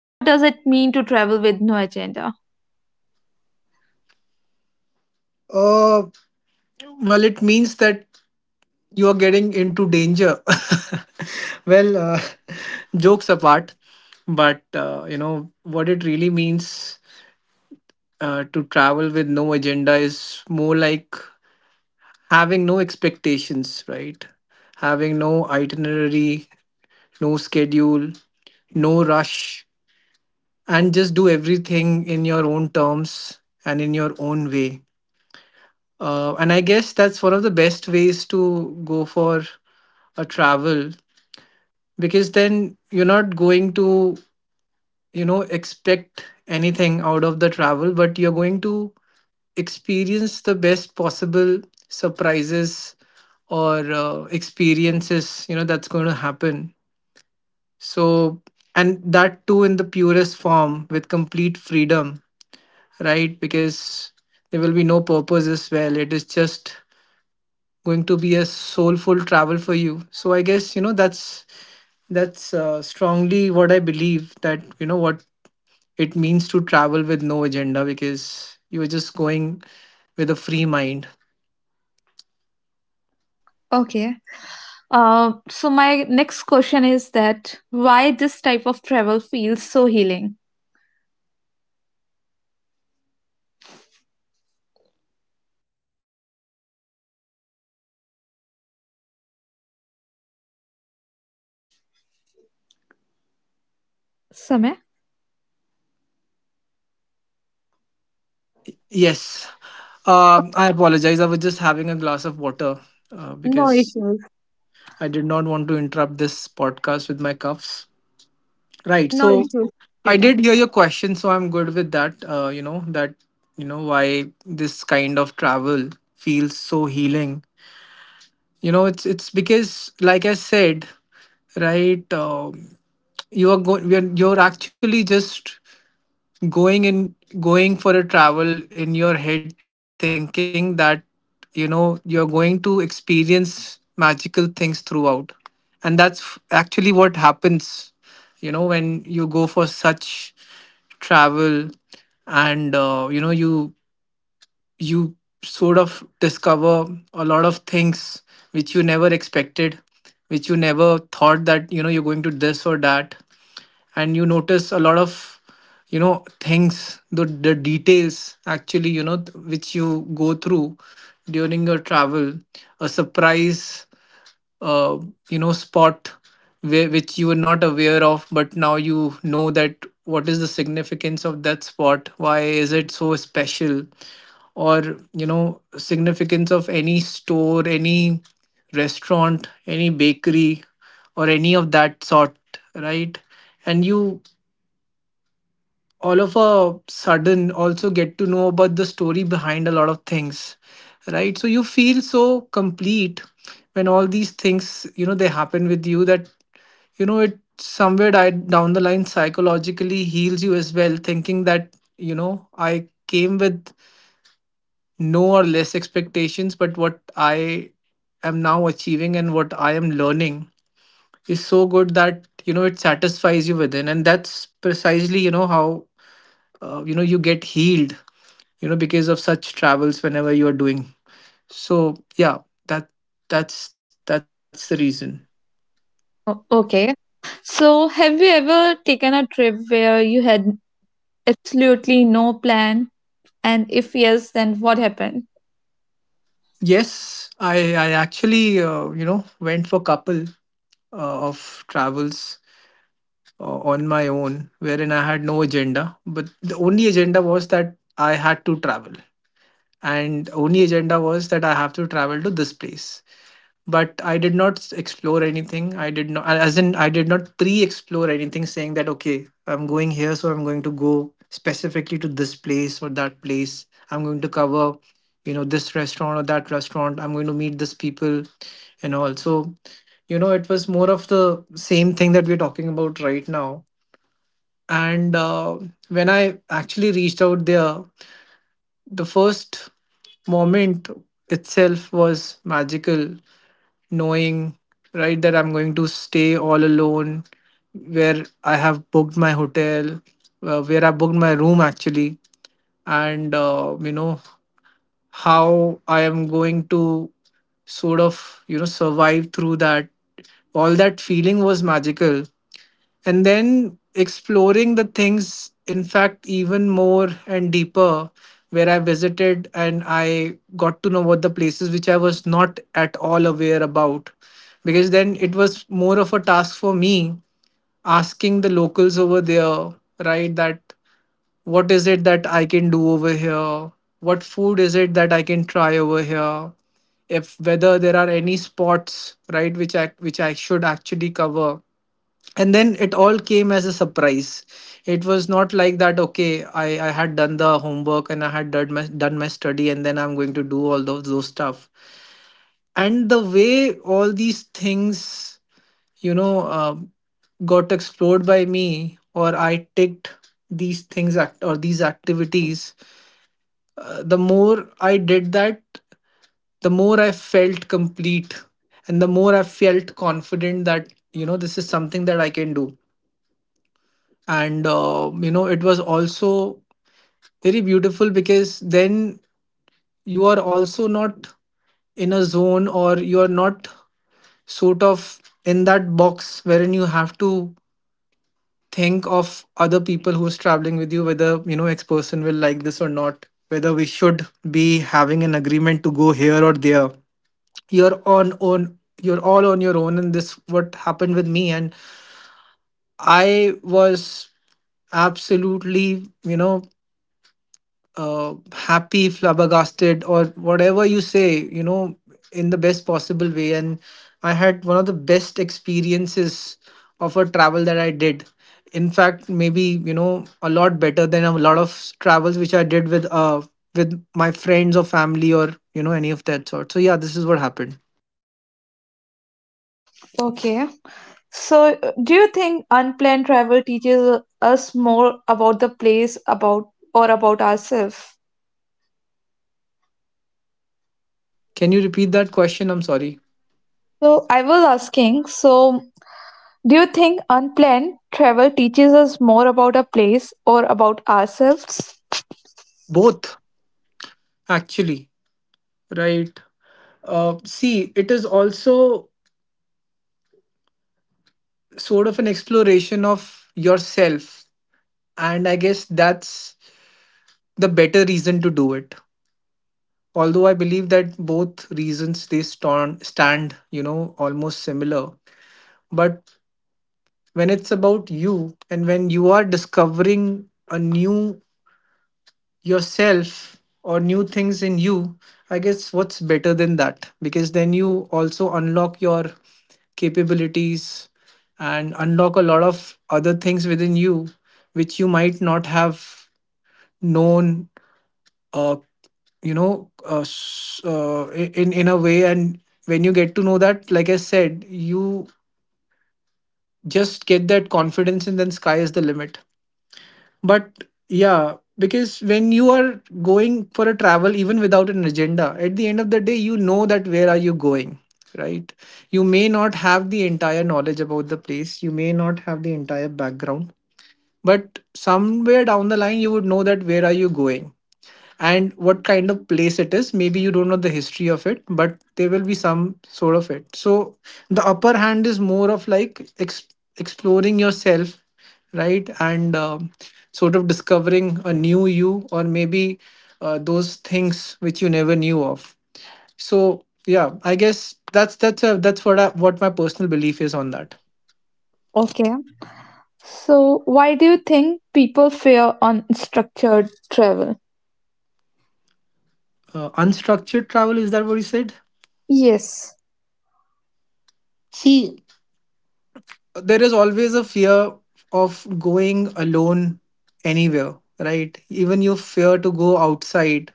What does it mean to travel with no agenda? Uh, well, it means that you are getting into danger. well, uh, jokes apart, but you know what it really means to travel with no agenda is more like having no expectations, right? Having no itinerary, no schedule, no rush, and just do everything in your own terms and in your own way. And I guess that's one of the best ways to go for a travel because then you're not going to, you know, expect anything out of the travel, but you're going to experience the best possible surprises or experiences you know that's going to happen. So and that too in the purest form with complete freedom, right? Because there will be no purpose as well, it is just going to be a soulful travel for you. So I guess you know that's strongly what I believe, that you know what it means to travel with no agenda, because you are just going with a free mind. Okay. So my next question is that why this type of travel feels so healing? Samay, Yes. I apologize. I was just having a glass of water no because issues. I did not want to interrupt this podcast with my cuffs. Right. No So issues. Your I did time. hear your question, so I'm good with that. You know, that, you know, why this kind of travel feels so healing. You know, it's because like I said, right, you are you're actually just going in going for a travel in your head thinking that you know you're going to experience magical things throughout, and actually what happens, you know, when you go for such travel. And you know, you sort of discover a lot of things which you never expected, which you never thought that, you know, you're going to this or that. And you notice a lot of, you know, things, the details actually, you know, which you go through during your travel. A surprise, uh, you know, spot which you were not aware of, but now you know that what is the significance of that spot, why is it so special. Or, you know, significance of any store, any restaurant, any bakery, or any of that sort, right? And you all of a sudden also get to know about the story behind a lot of things, right? So you feel so complete when all these things, you know, they happen with you. That, you know, it somewhere down the line psychologically heals you as well, thinking that, you know, I came with no or less expectations, but what I am now achieving and what I am learning is so good that, you know, it satisfies you within. And that's precisely, you know, how you know, you get healed, you know, because of such travels whenever you are doing. So yeah, that that's the reason. Okay. So have you ever taken a trip where you had absolutely no plan? And if yes, then what happened? Yes, I actually you know, went for couple of travels on my own, wherein I had no agenda, but the only agenda was that I had to travel. And only agenda was that I have to travel to this place, but I did not explore anything. I did not, as in, I did not pre-explore anything, saying that okay, I'm going here, so I'm going to go specifically to this place or that place. I'm going to cover, you know, this restaurant or that restaurant, I'm going to meet this people and all. So you know, it was more of the same thing that we're talking about right now. And when I actually reached out there, the first moment itself was magical, knowing, right, that I'm going to stay all alone, where I have booked my hotel, where I booked my room actually. And you know, how I am going to sort of, you know, survive through that. All that feeling was magical. And then exploring the things, in fact, even more and deeper, where I visited and I got to know what the places which I was not at all aware about. Because then it was more of a task for me, asking the locals over there, right, that what is it that I can do over here, what food is it that I can try over here, if whether there are any spots, right, which I should actually cover. And then it all came as a surprise. It was not like that, okay, I had done the homework and I had done my study, and then I'm going to do all those stuff. And the way all these things, you know, got explored by me, or I ticked these things, act or these activities, the more I did that, the more I felt complete. And the more I felt confident that, you know, this is something that I can do. And you know, it was also very beautiful, because then you are also not in a zone, or you are not sort of in that box, wherein you have to think of other people who's traveling with you, whether, you know, ex person will like this or not, whether we should be having an agreement to go here or there. You're on own, you're all on your own. And this what happened with me. And I was absolutely, you know, happy, flabbergasted, or whatever you say, you know, in the best possible way. And I had one of the best experiences of a travel that I did. In fact, maybe you know a lot better than a lot of travels which I did with with my friends or family, or you know, any of that sort. So yeah, this is what happened. Okay. So, do you think unplanned travel teaches us more about the place about or about ourselves? Can you repeat that question? I'm sorry. So, I was asking, so do you think unplanned travel teaches us more about a place or about ourselves? Both actually, right? See, it is also sort of an exploration of yourself. And I guess that's the better reason to do it, although I believe that both reasons they stand you know almost similar. But when it's about you and when you are discovering a new yourself or new things in you, I guess what's better than that? Because then you also unlock your capabilities and unlock a lot of other things within you which you might not have known, uh, in a way. And when you get to know that, like I said, you just get that confidence, and then sky is the limit. But yeah, because when you are going for a travel even without an agenda, at the end of the day you know that where are you going, right? You may not have the entire knowledge about the place, you may not have the entire background, but somewhere down the line you would know that where are you going and what kind of place it is. Maybe you don't know the history of it, but there will be some sort of it. So the upper hand is more of like exploring yourself, right? And sort of discovering a new you, or maybe those things which you never knew of. So yeah, I guess that's what what my personal belief is on that. Okay. So, why do you think people fear unstructured travel? Unstructured travel is that what you said? Yes. See, there is always a fear of going alone anywhere, right? Even you fear to go outside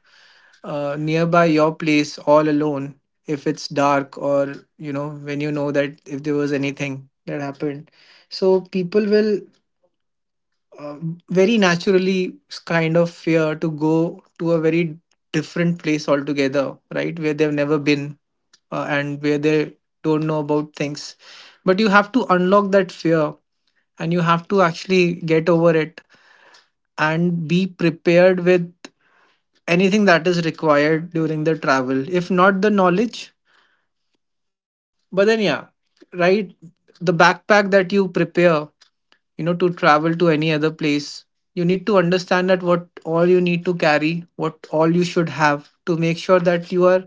nearby your place all alone if it's dark, or you know, when you know that if there was anything that happened. So people will uh, very naturally kind of fear to go to a very different place altogether, right? Where they've never been, and where they don't know about things. But you have to unlock that fear, and you have to actually get over it, and be prepared with anything that is required during the travel. If not the knowledge, but then, yeah, right? The backpack that you prepare to travel to any other place, you need to understand that what all you need to carry, what all you should have, to make sure that you are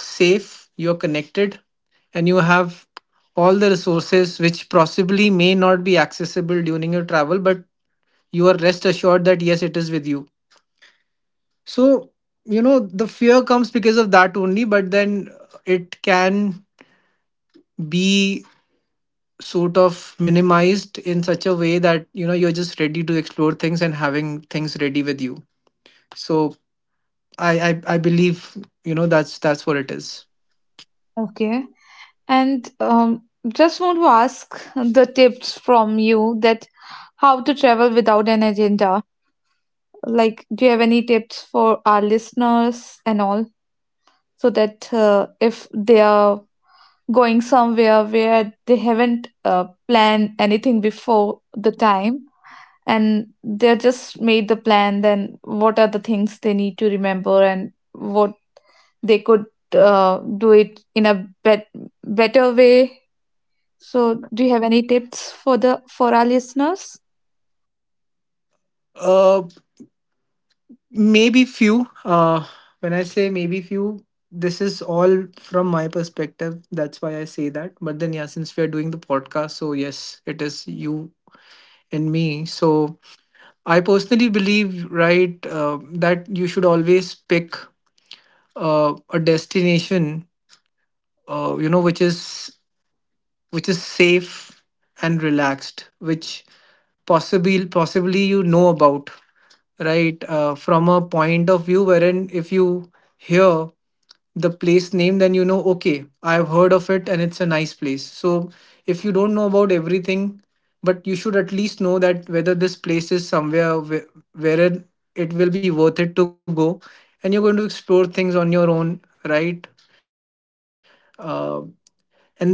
safe, you are connected, and you have all the resources which possibly may not be accessible during your travel, but you are rest assured that yes, it is with you. So, the fear comes because of that only. But then it can be sort of minimized in such a way that you're just ready to explore things and having things ready with you. So, I believe, that's what it is. Okay. And just want to ask the tips from you that how to travel without an agenda. Like, do you have any tips for our listeners and all so that if they are going somewhere where they haven't planned anything before the time, and they're just made the plan, then what are the things they need to remember and what they could do it in a better way? So, do you have any tips for the for our listeners? uh Maybe few. When I say maybe few, this is all from my perspective, that's why I say that. But then yeah, since we are doing the podcast, so yes, it is you and me. So I personally believe, right, that you should always pick a destination, which is, which is safe and relaxed, which possibly about, right. From a point of view wherein if you hear the place name, then you know, okay, I've heard of it and it's a nice place. So if you don't know about everything, but you should at least know that whether this place is somewhere wherein it will be worth it to go, and you're going to explore things on your own, right? uh, and then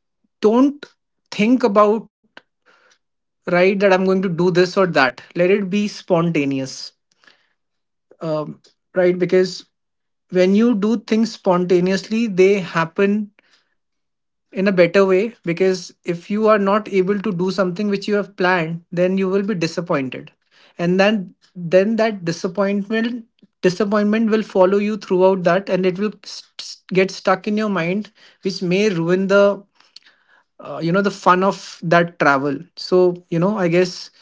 don't think about, right, that I'm going to do this or that. Let it be spontaneous. um, right, because when you do things spontaneously, they happen in a better way, because if you are not able to do something which you have planned, then you will be disappointed. And then that disappointment will follow you throughout that, and it will get stuck in your mind, which may ruin the, the fun of that travel. So I guess,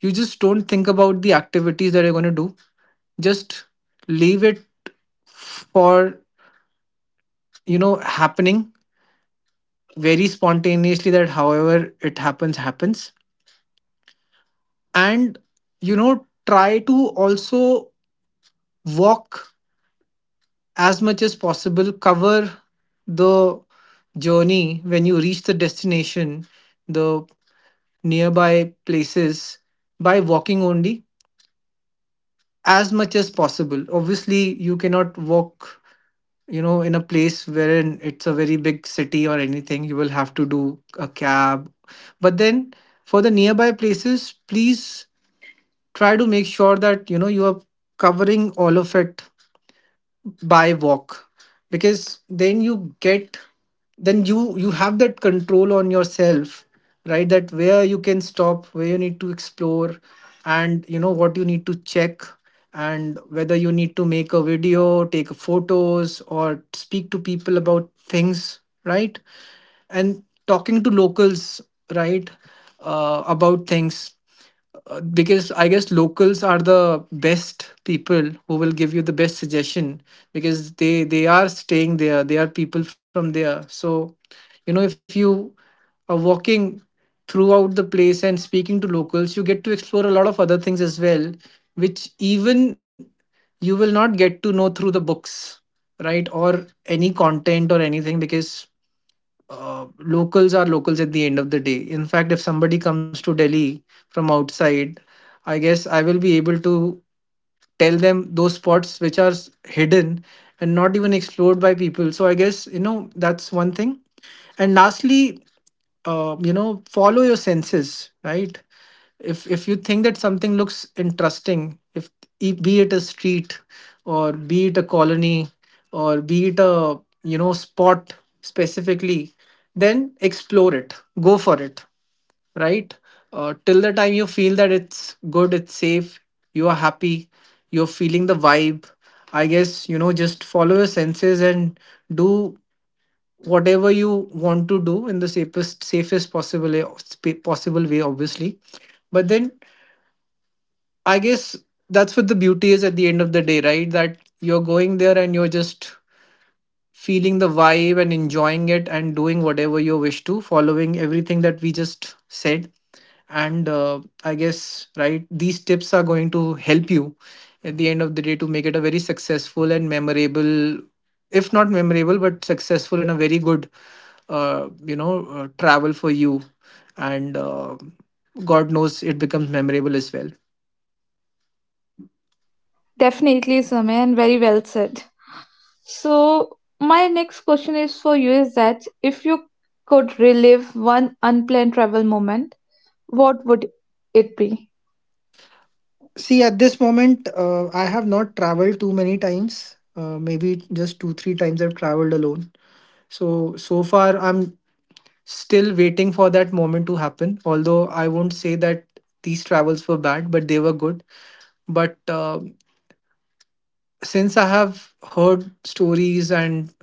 you just don't think about the activities that you're going to do. Just leave it for, happening very spontaneously, that however it happens, happens. And try to also walk as much as possible, cover the journey when you reach the destination, the nearby places by walking only as much as possible. Obviously you cannot walk, in a place wherein it's a very big city or anything, you will have to do a cab. But then, for the nearby places, please try to make sure that you are covering all of it by walk. Because then you get then you have that control on yourself, right? That where you can stop, where you need to explore, and what you need to check, and whether you need to make a video, take photos, or speak to people about things, right? And talking to locals, right, about things, because I guess locals are the best people who will give you the best suggestion, because they are staying there. They are people from there. So, if you are walking throughout the place and speaking to locals, you get to explore a lot of other things as well, which even you will not get to know through the books, right? Or any content or anything, because locals are locals at the end of the day. In fact, if somebody comes to Delhi from outside, I guess I will be able to tell them those spots which are hidden and not even explored by people. So I guess, that's one thing. And lastly, follow your senses, right? If you think that something looks interesting, if, be it a street, or be it a colony, or be it a spot specifically, then explore it, go for it, right? Till the time you feel that it's good, it's safe, you are happy, you're feeling the vibe. I guess, just follow your senses and do whatever you want to do in the safest possible way, obviously. But then I guess that's what the beauty is at the end of the day, right? That you're going there and you're just feeling the vibe and enjoying it and doing whatever you wish to, following everything that we just said. And I guess, right, these tips are going to help you at the end of the day to make it a very successful and memorable, if not memorable, but successful and a very good, travel for you. And God knows it becomes memorable as well. Definitely, Samay, and very well said. So, my next question is for you is that if you could relive one unplanned travel moment, what would it be? See, at this moment, I have not traveled too many times. Maybe just two, three times I've traveled alone. So, so far, I'm still waiting for that moment to happen. Although I won't say that these travels were bad, but they were good. But since I have heard stories and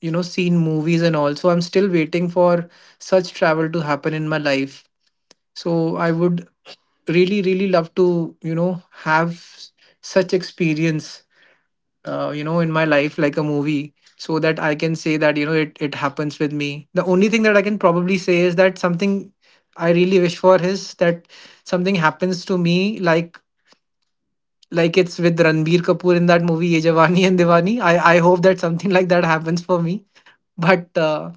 seen movies and all, so I'm still waiting for such travel to happen in my life. So I would really, really love to, have such experience, in my life like a movie, so that I can say that it happens with me. The only thing that I can probably say is that something I really wish for is that something happens to me, like it's with Ranbir Kapoor in that movie Ye Jawani and Diwani. I hope that something like that happens for me, but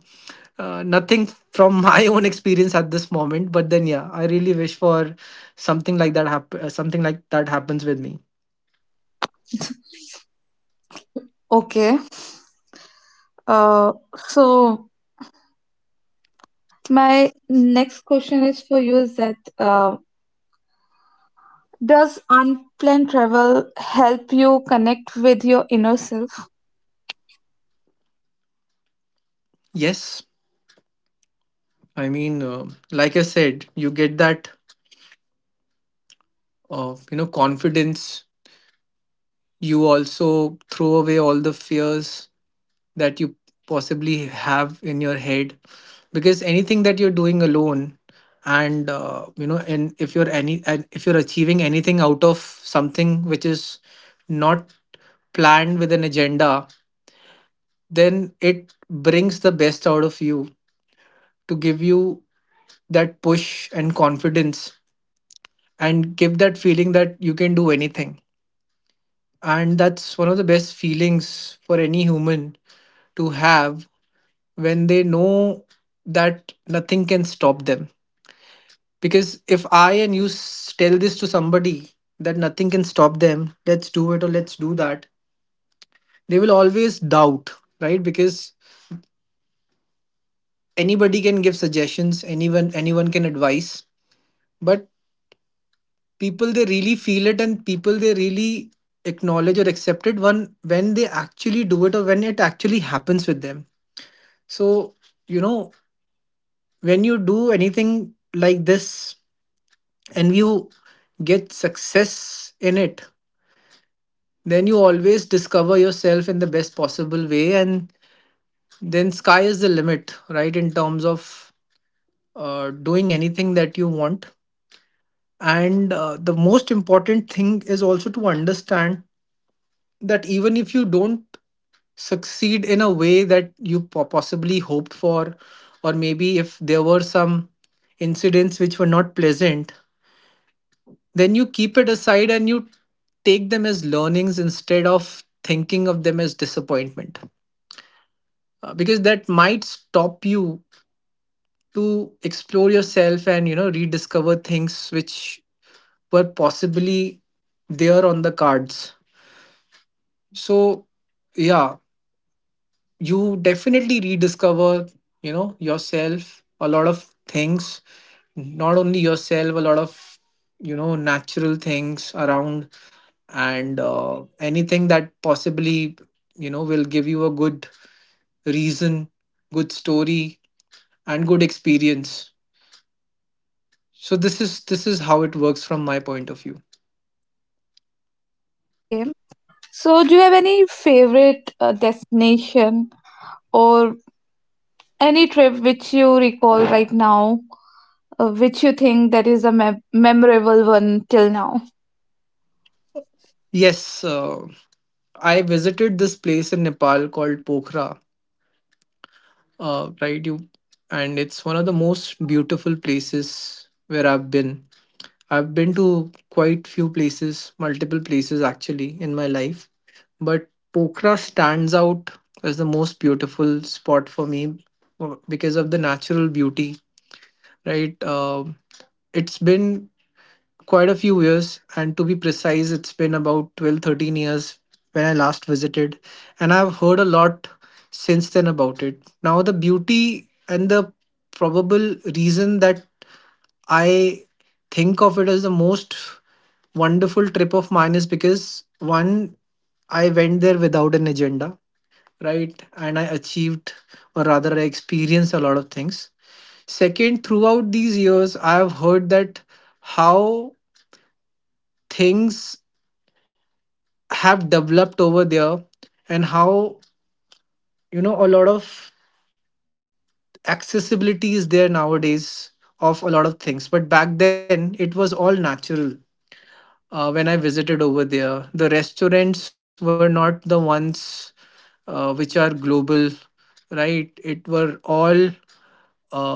nothing from my own experience at this moment. But then, yeah, I really wish for something like that happen. Something like that happens with me. Okay. So my next question is for you is that does unplanned travel help you connect with your inner self? Yes, I mean, like I said, you get that, confidence. You also throw away all the fears that you possibly have in your head, because anything that you're doing alone, and and if you're any and if you're achieving anything out of something which is not planned with an agenda, then it brings the best out of you, to give you that push and confidence, and give that feeling that you can do anything. And that's one of the best feelings for any human to have, when they know that nothing can stop them. Because if I and tell this to somebody that nothing can stop them, let's do it or let's do that, they will always doubt, right? Because anybody can give suggestions, anyone can advise, but people, they really feel it, and people, they really acknowledge or accept it, when they actually do it or when it actually happens with them. So, you know, when you do anything like this and you get success in it, then you always discover yourself in the best possible way, and then sky is the limit, right, in terms of doing anything that you want. And the most important thing is also to understand that even if you don't succeed in a way that you possibly hoped for, or maybe if there were some incidents which were not pleasant, then you keep it aside, and you take them as learnings instead of thinking of them as disappointment. Because that might stop you to explore yourself, and rediscover things which were possibly there on the cards. So yeah, you definitely rediscover, yourself, a lot of things, not only yourself, a lot of natural things around, and anything that possibly will give you a good reason, good story, and good experience. So this is how it works from my point of view. Okay. So, do you have any favorite destination or any trip which you recall right now, which you think that is a memorable one till now? Yes, I visited this place in Nepal called Pokhara, right, you. And it's one of the most beautiful places where I've been. I've been to quite few places, multiple places actually, in my life, but Pokhara stands out as the most beautiful spot for me, because of the natural beauty, right? It's been quite a few years, and to be precise, it's been about 12, 13 years when I last visited, and I've heard a lot since then about it. Now, the beauty and the probable reason that I think of it as the most wonderful trip of mine is because one, I went there without an agenda, right? And I achieved, or rather, I experienced a lot of things. Second, throughout these years, I have heard that how things have developed over there, and how, you know, a lot of accessibility is there nowadays of a lot of things. But back then, it was all natural, when I visited over there, the restaurants were not the ones, which are global, right? It were all, uh,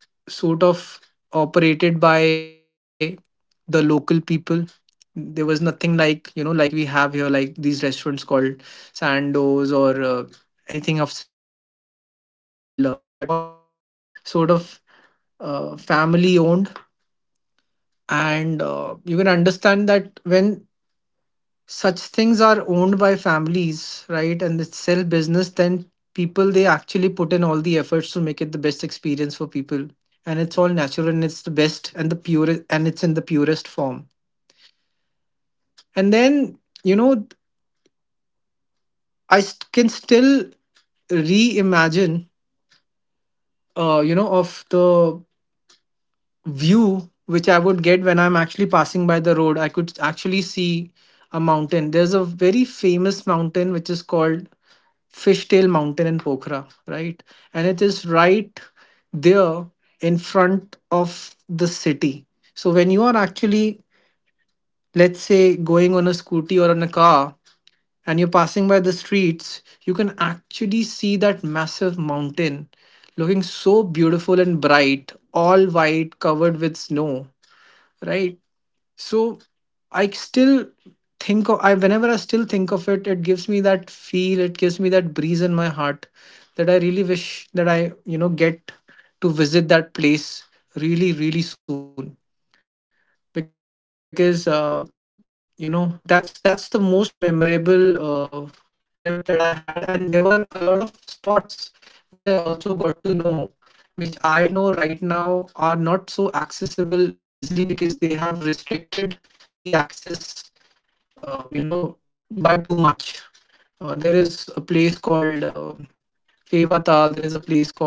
sort of operated by the local people. There was nothing like, you know, like we have here, like these restaurants called Sandoz or, anything of that similar. But all the restaurants over there were sort of, family owned, and you can understand that when such things are owned by families, right, and they sell business, then people, they actually put in all the efforts to make it the best experience for people. And it's all natural and it's the best and the purest and it's in the purest form. And then you know I can still reimagine, of the view which I would get when I'm actually passing by the road. I could actually see a mountain. There's a very famous mountain which is called Fishtail Mountain in Pokhara, right? And it is right there in front of the city. So when you are actually, let's say, going on a scooty or on a car and you're passing by the streets, you can actually see that massive mountain looking so beautiful and bright, all white, covered with snow, right? So I still think of I whenever I still think of it, it gives me that feel, it gives me that breeze in my heart that I really wish that I get to visit that place really, really soon. Because that's the most memorable trip that I had. And there were a lot of spots which I also got to know, which I know right now are not so accessible easily because they have restricted the access, uh, you know, by too much. There is a place called Fevatal. There is a place called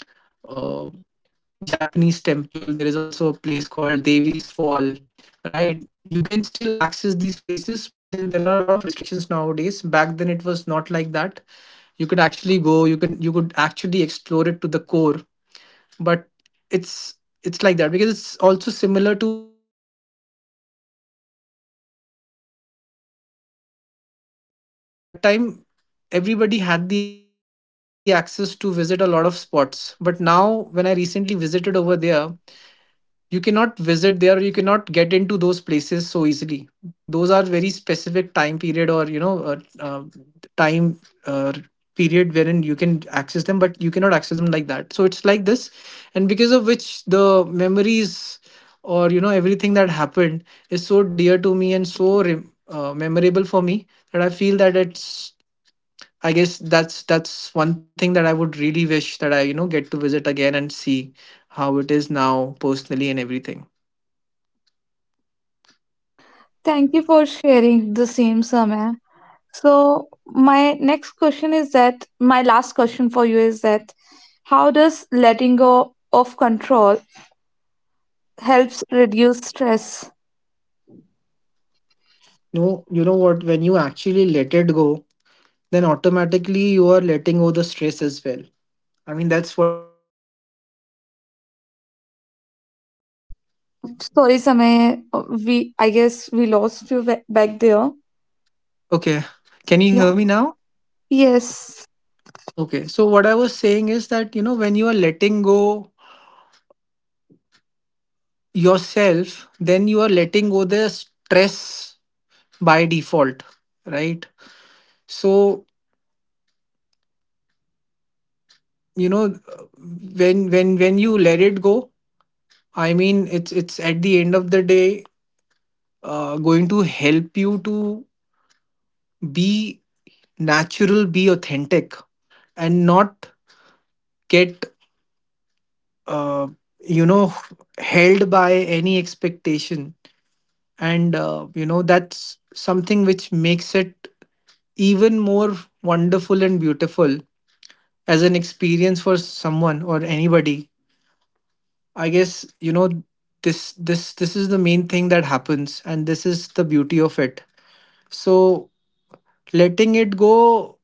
uh, Japanese Temple. There is also a place called Devi's Fall, right? You can still access these places, but then there are a lot of restrictions nowadays. Back then, it was not like that. You could actually go. You could actually explore it to the core, but it's it's like that because it's also similar to my one visit to Vaishno Devi. Because when I visited Vaishno Devi for the first time, what I noticed is that at that time everybody had the access to visit a lot of spots. But now when I recently visited over there, you cannot get into those places so easily. Those are very specific time period, or time uh, period wherein you can access them, but you cannot access them like that. So it's like this, and because of which the memories, or everything that happened, is so dear to me and so memorable for me, that I feel that it's — I guess that's one thing that I would really wish that I get to visit again and see how it is now personally and everything. Thank you for sharing the same, Samay. So, my next question is that my last question for you is that how does letting go of control helps reduce stress? No, you know what? When you actually let it go, then automatically you are letting go the stress as well. I mean, that's what I personally believe. Because Sorry, Samay, we I guess we lost you back there. okay, can you Yeah. hear me now? Yes. Okay, so what I was saying is that you know when you are letting go yourself, then you are letting go the stress by default, right? So you know uh, when you let it go, I mean it's at the end of the day going to help you to be natural, be authentic, and not get uh, you know held by any expectation. And that's something which makes it even more wonderful and beautiful as an experience for someone or anybody. I guess this is the main thing that happens, and this is the beauty of it. So letting it go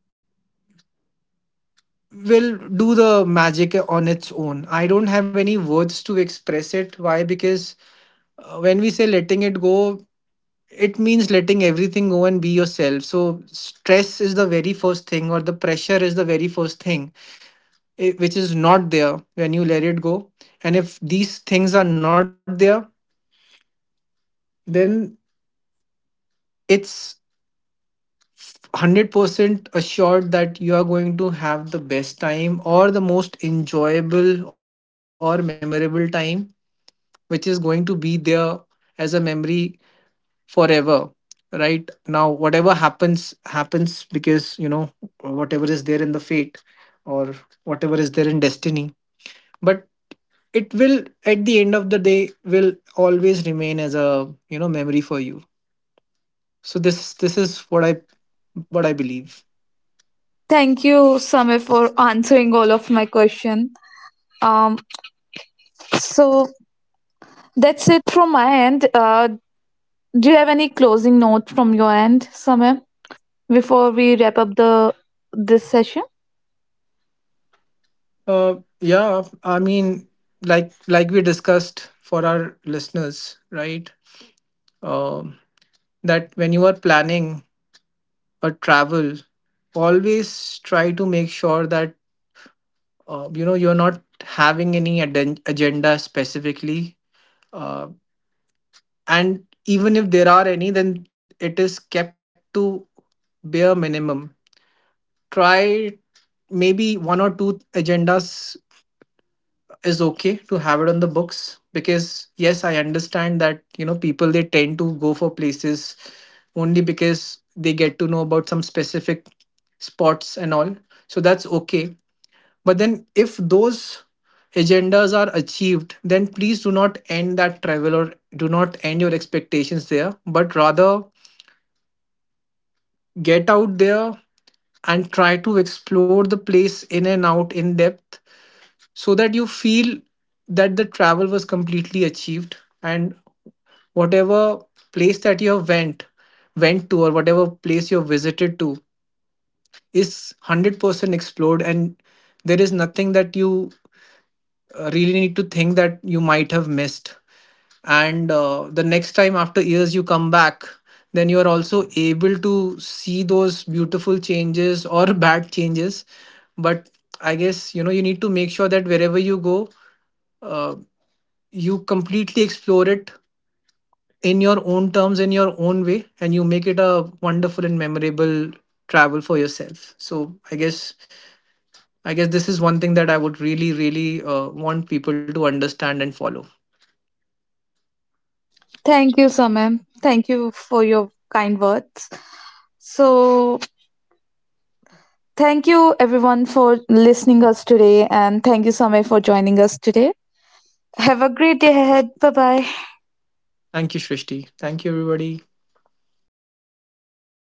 will do the magic on its own. I don't have any words to express it why, because when we say letting it go, it means letting everything go and be yourself. So stress is the very first thing, or the pressure is the very first thing, which is not there when you let it go. And if these things are not there, then it's 100% assured that you are going to have the best time or the most enjoyable or memorable time, which is going to be there as a memory forever. Right now, whatever happens, happens, because you know, whatever is there in the fate, or whatever is there in destiny, but it will at the end of the day will always remain as a memory for you. So this is what I believe. Thank you, Samir, for answering all of my question. Um, so that's it from my end. Do you have any closing note from your end, Samir, before we wrap up the this session? Uh, yeah, I mean, like we discussed for our listeners, right? Um, that when you are planning a travel, always try to make sure that you're not having any agenda specifically, uh, and even if there are any, then it is kept to bare minimum. Try maybe one or two agendas is okay to have it on the books. Because yes, I understand that you know people they tend to go for places only because they get to know about some specific spots and all, so that's okay. But then if those agendas are achieved, then please do not end that travel or do not end your expectations there, but rather get out there and try to explore the place in and out, in depth, so that you feel that the travel was completely achieved. And whatever place that you have went to, or whatever place you have visited to, is 100% explored, and there is nothing that you really need to think that you might have missed. And the next time after years you come back, then you are also able to see those beautiful changes or bad changes. But I guess you know you need to make sure that wherever you go, uh, you completely explore it in your own terms, in your own way, and you make it a wonderful and memorable travel for yourself. So i guess this is one thing that I would really really want people to understand and follow. Thank you, Samir. Thank you for your kind words. So thank you everyone for listening us today, and thank you, Samir, for joining us today. Have a great day ahead. Bye bye. Thank you, shrishti, thank you everybody.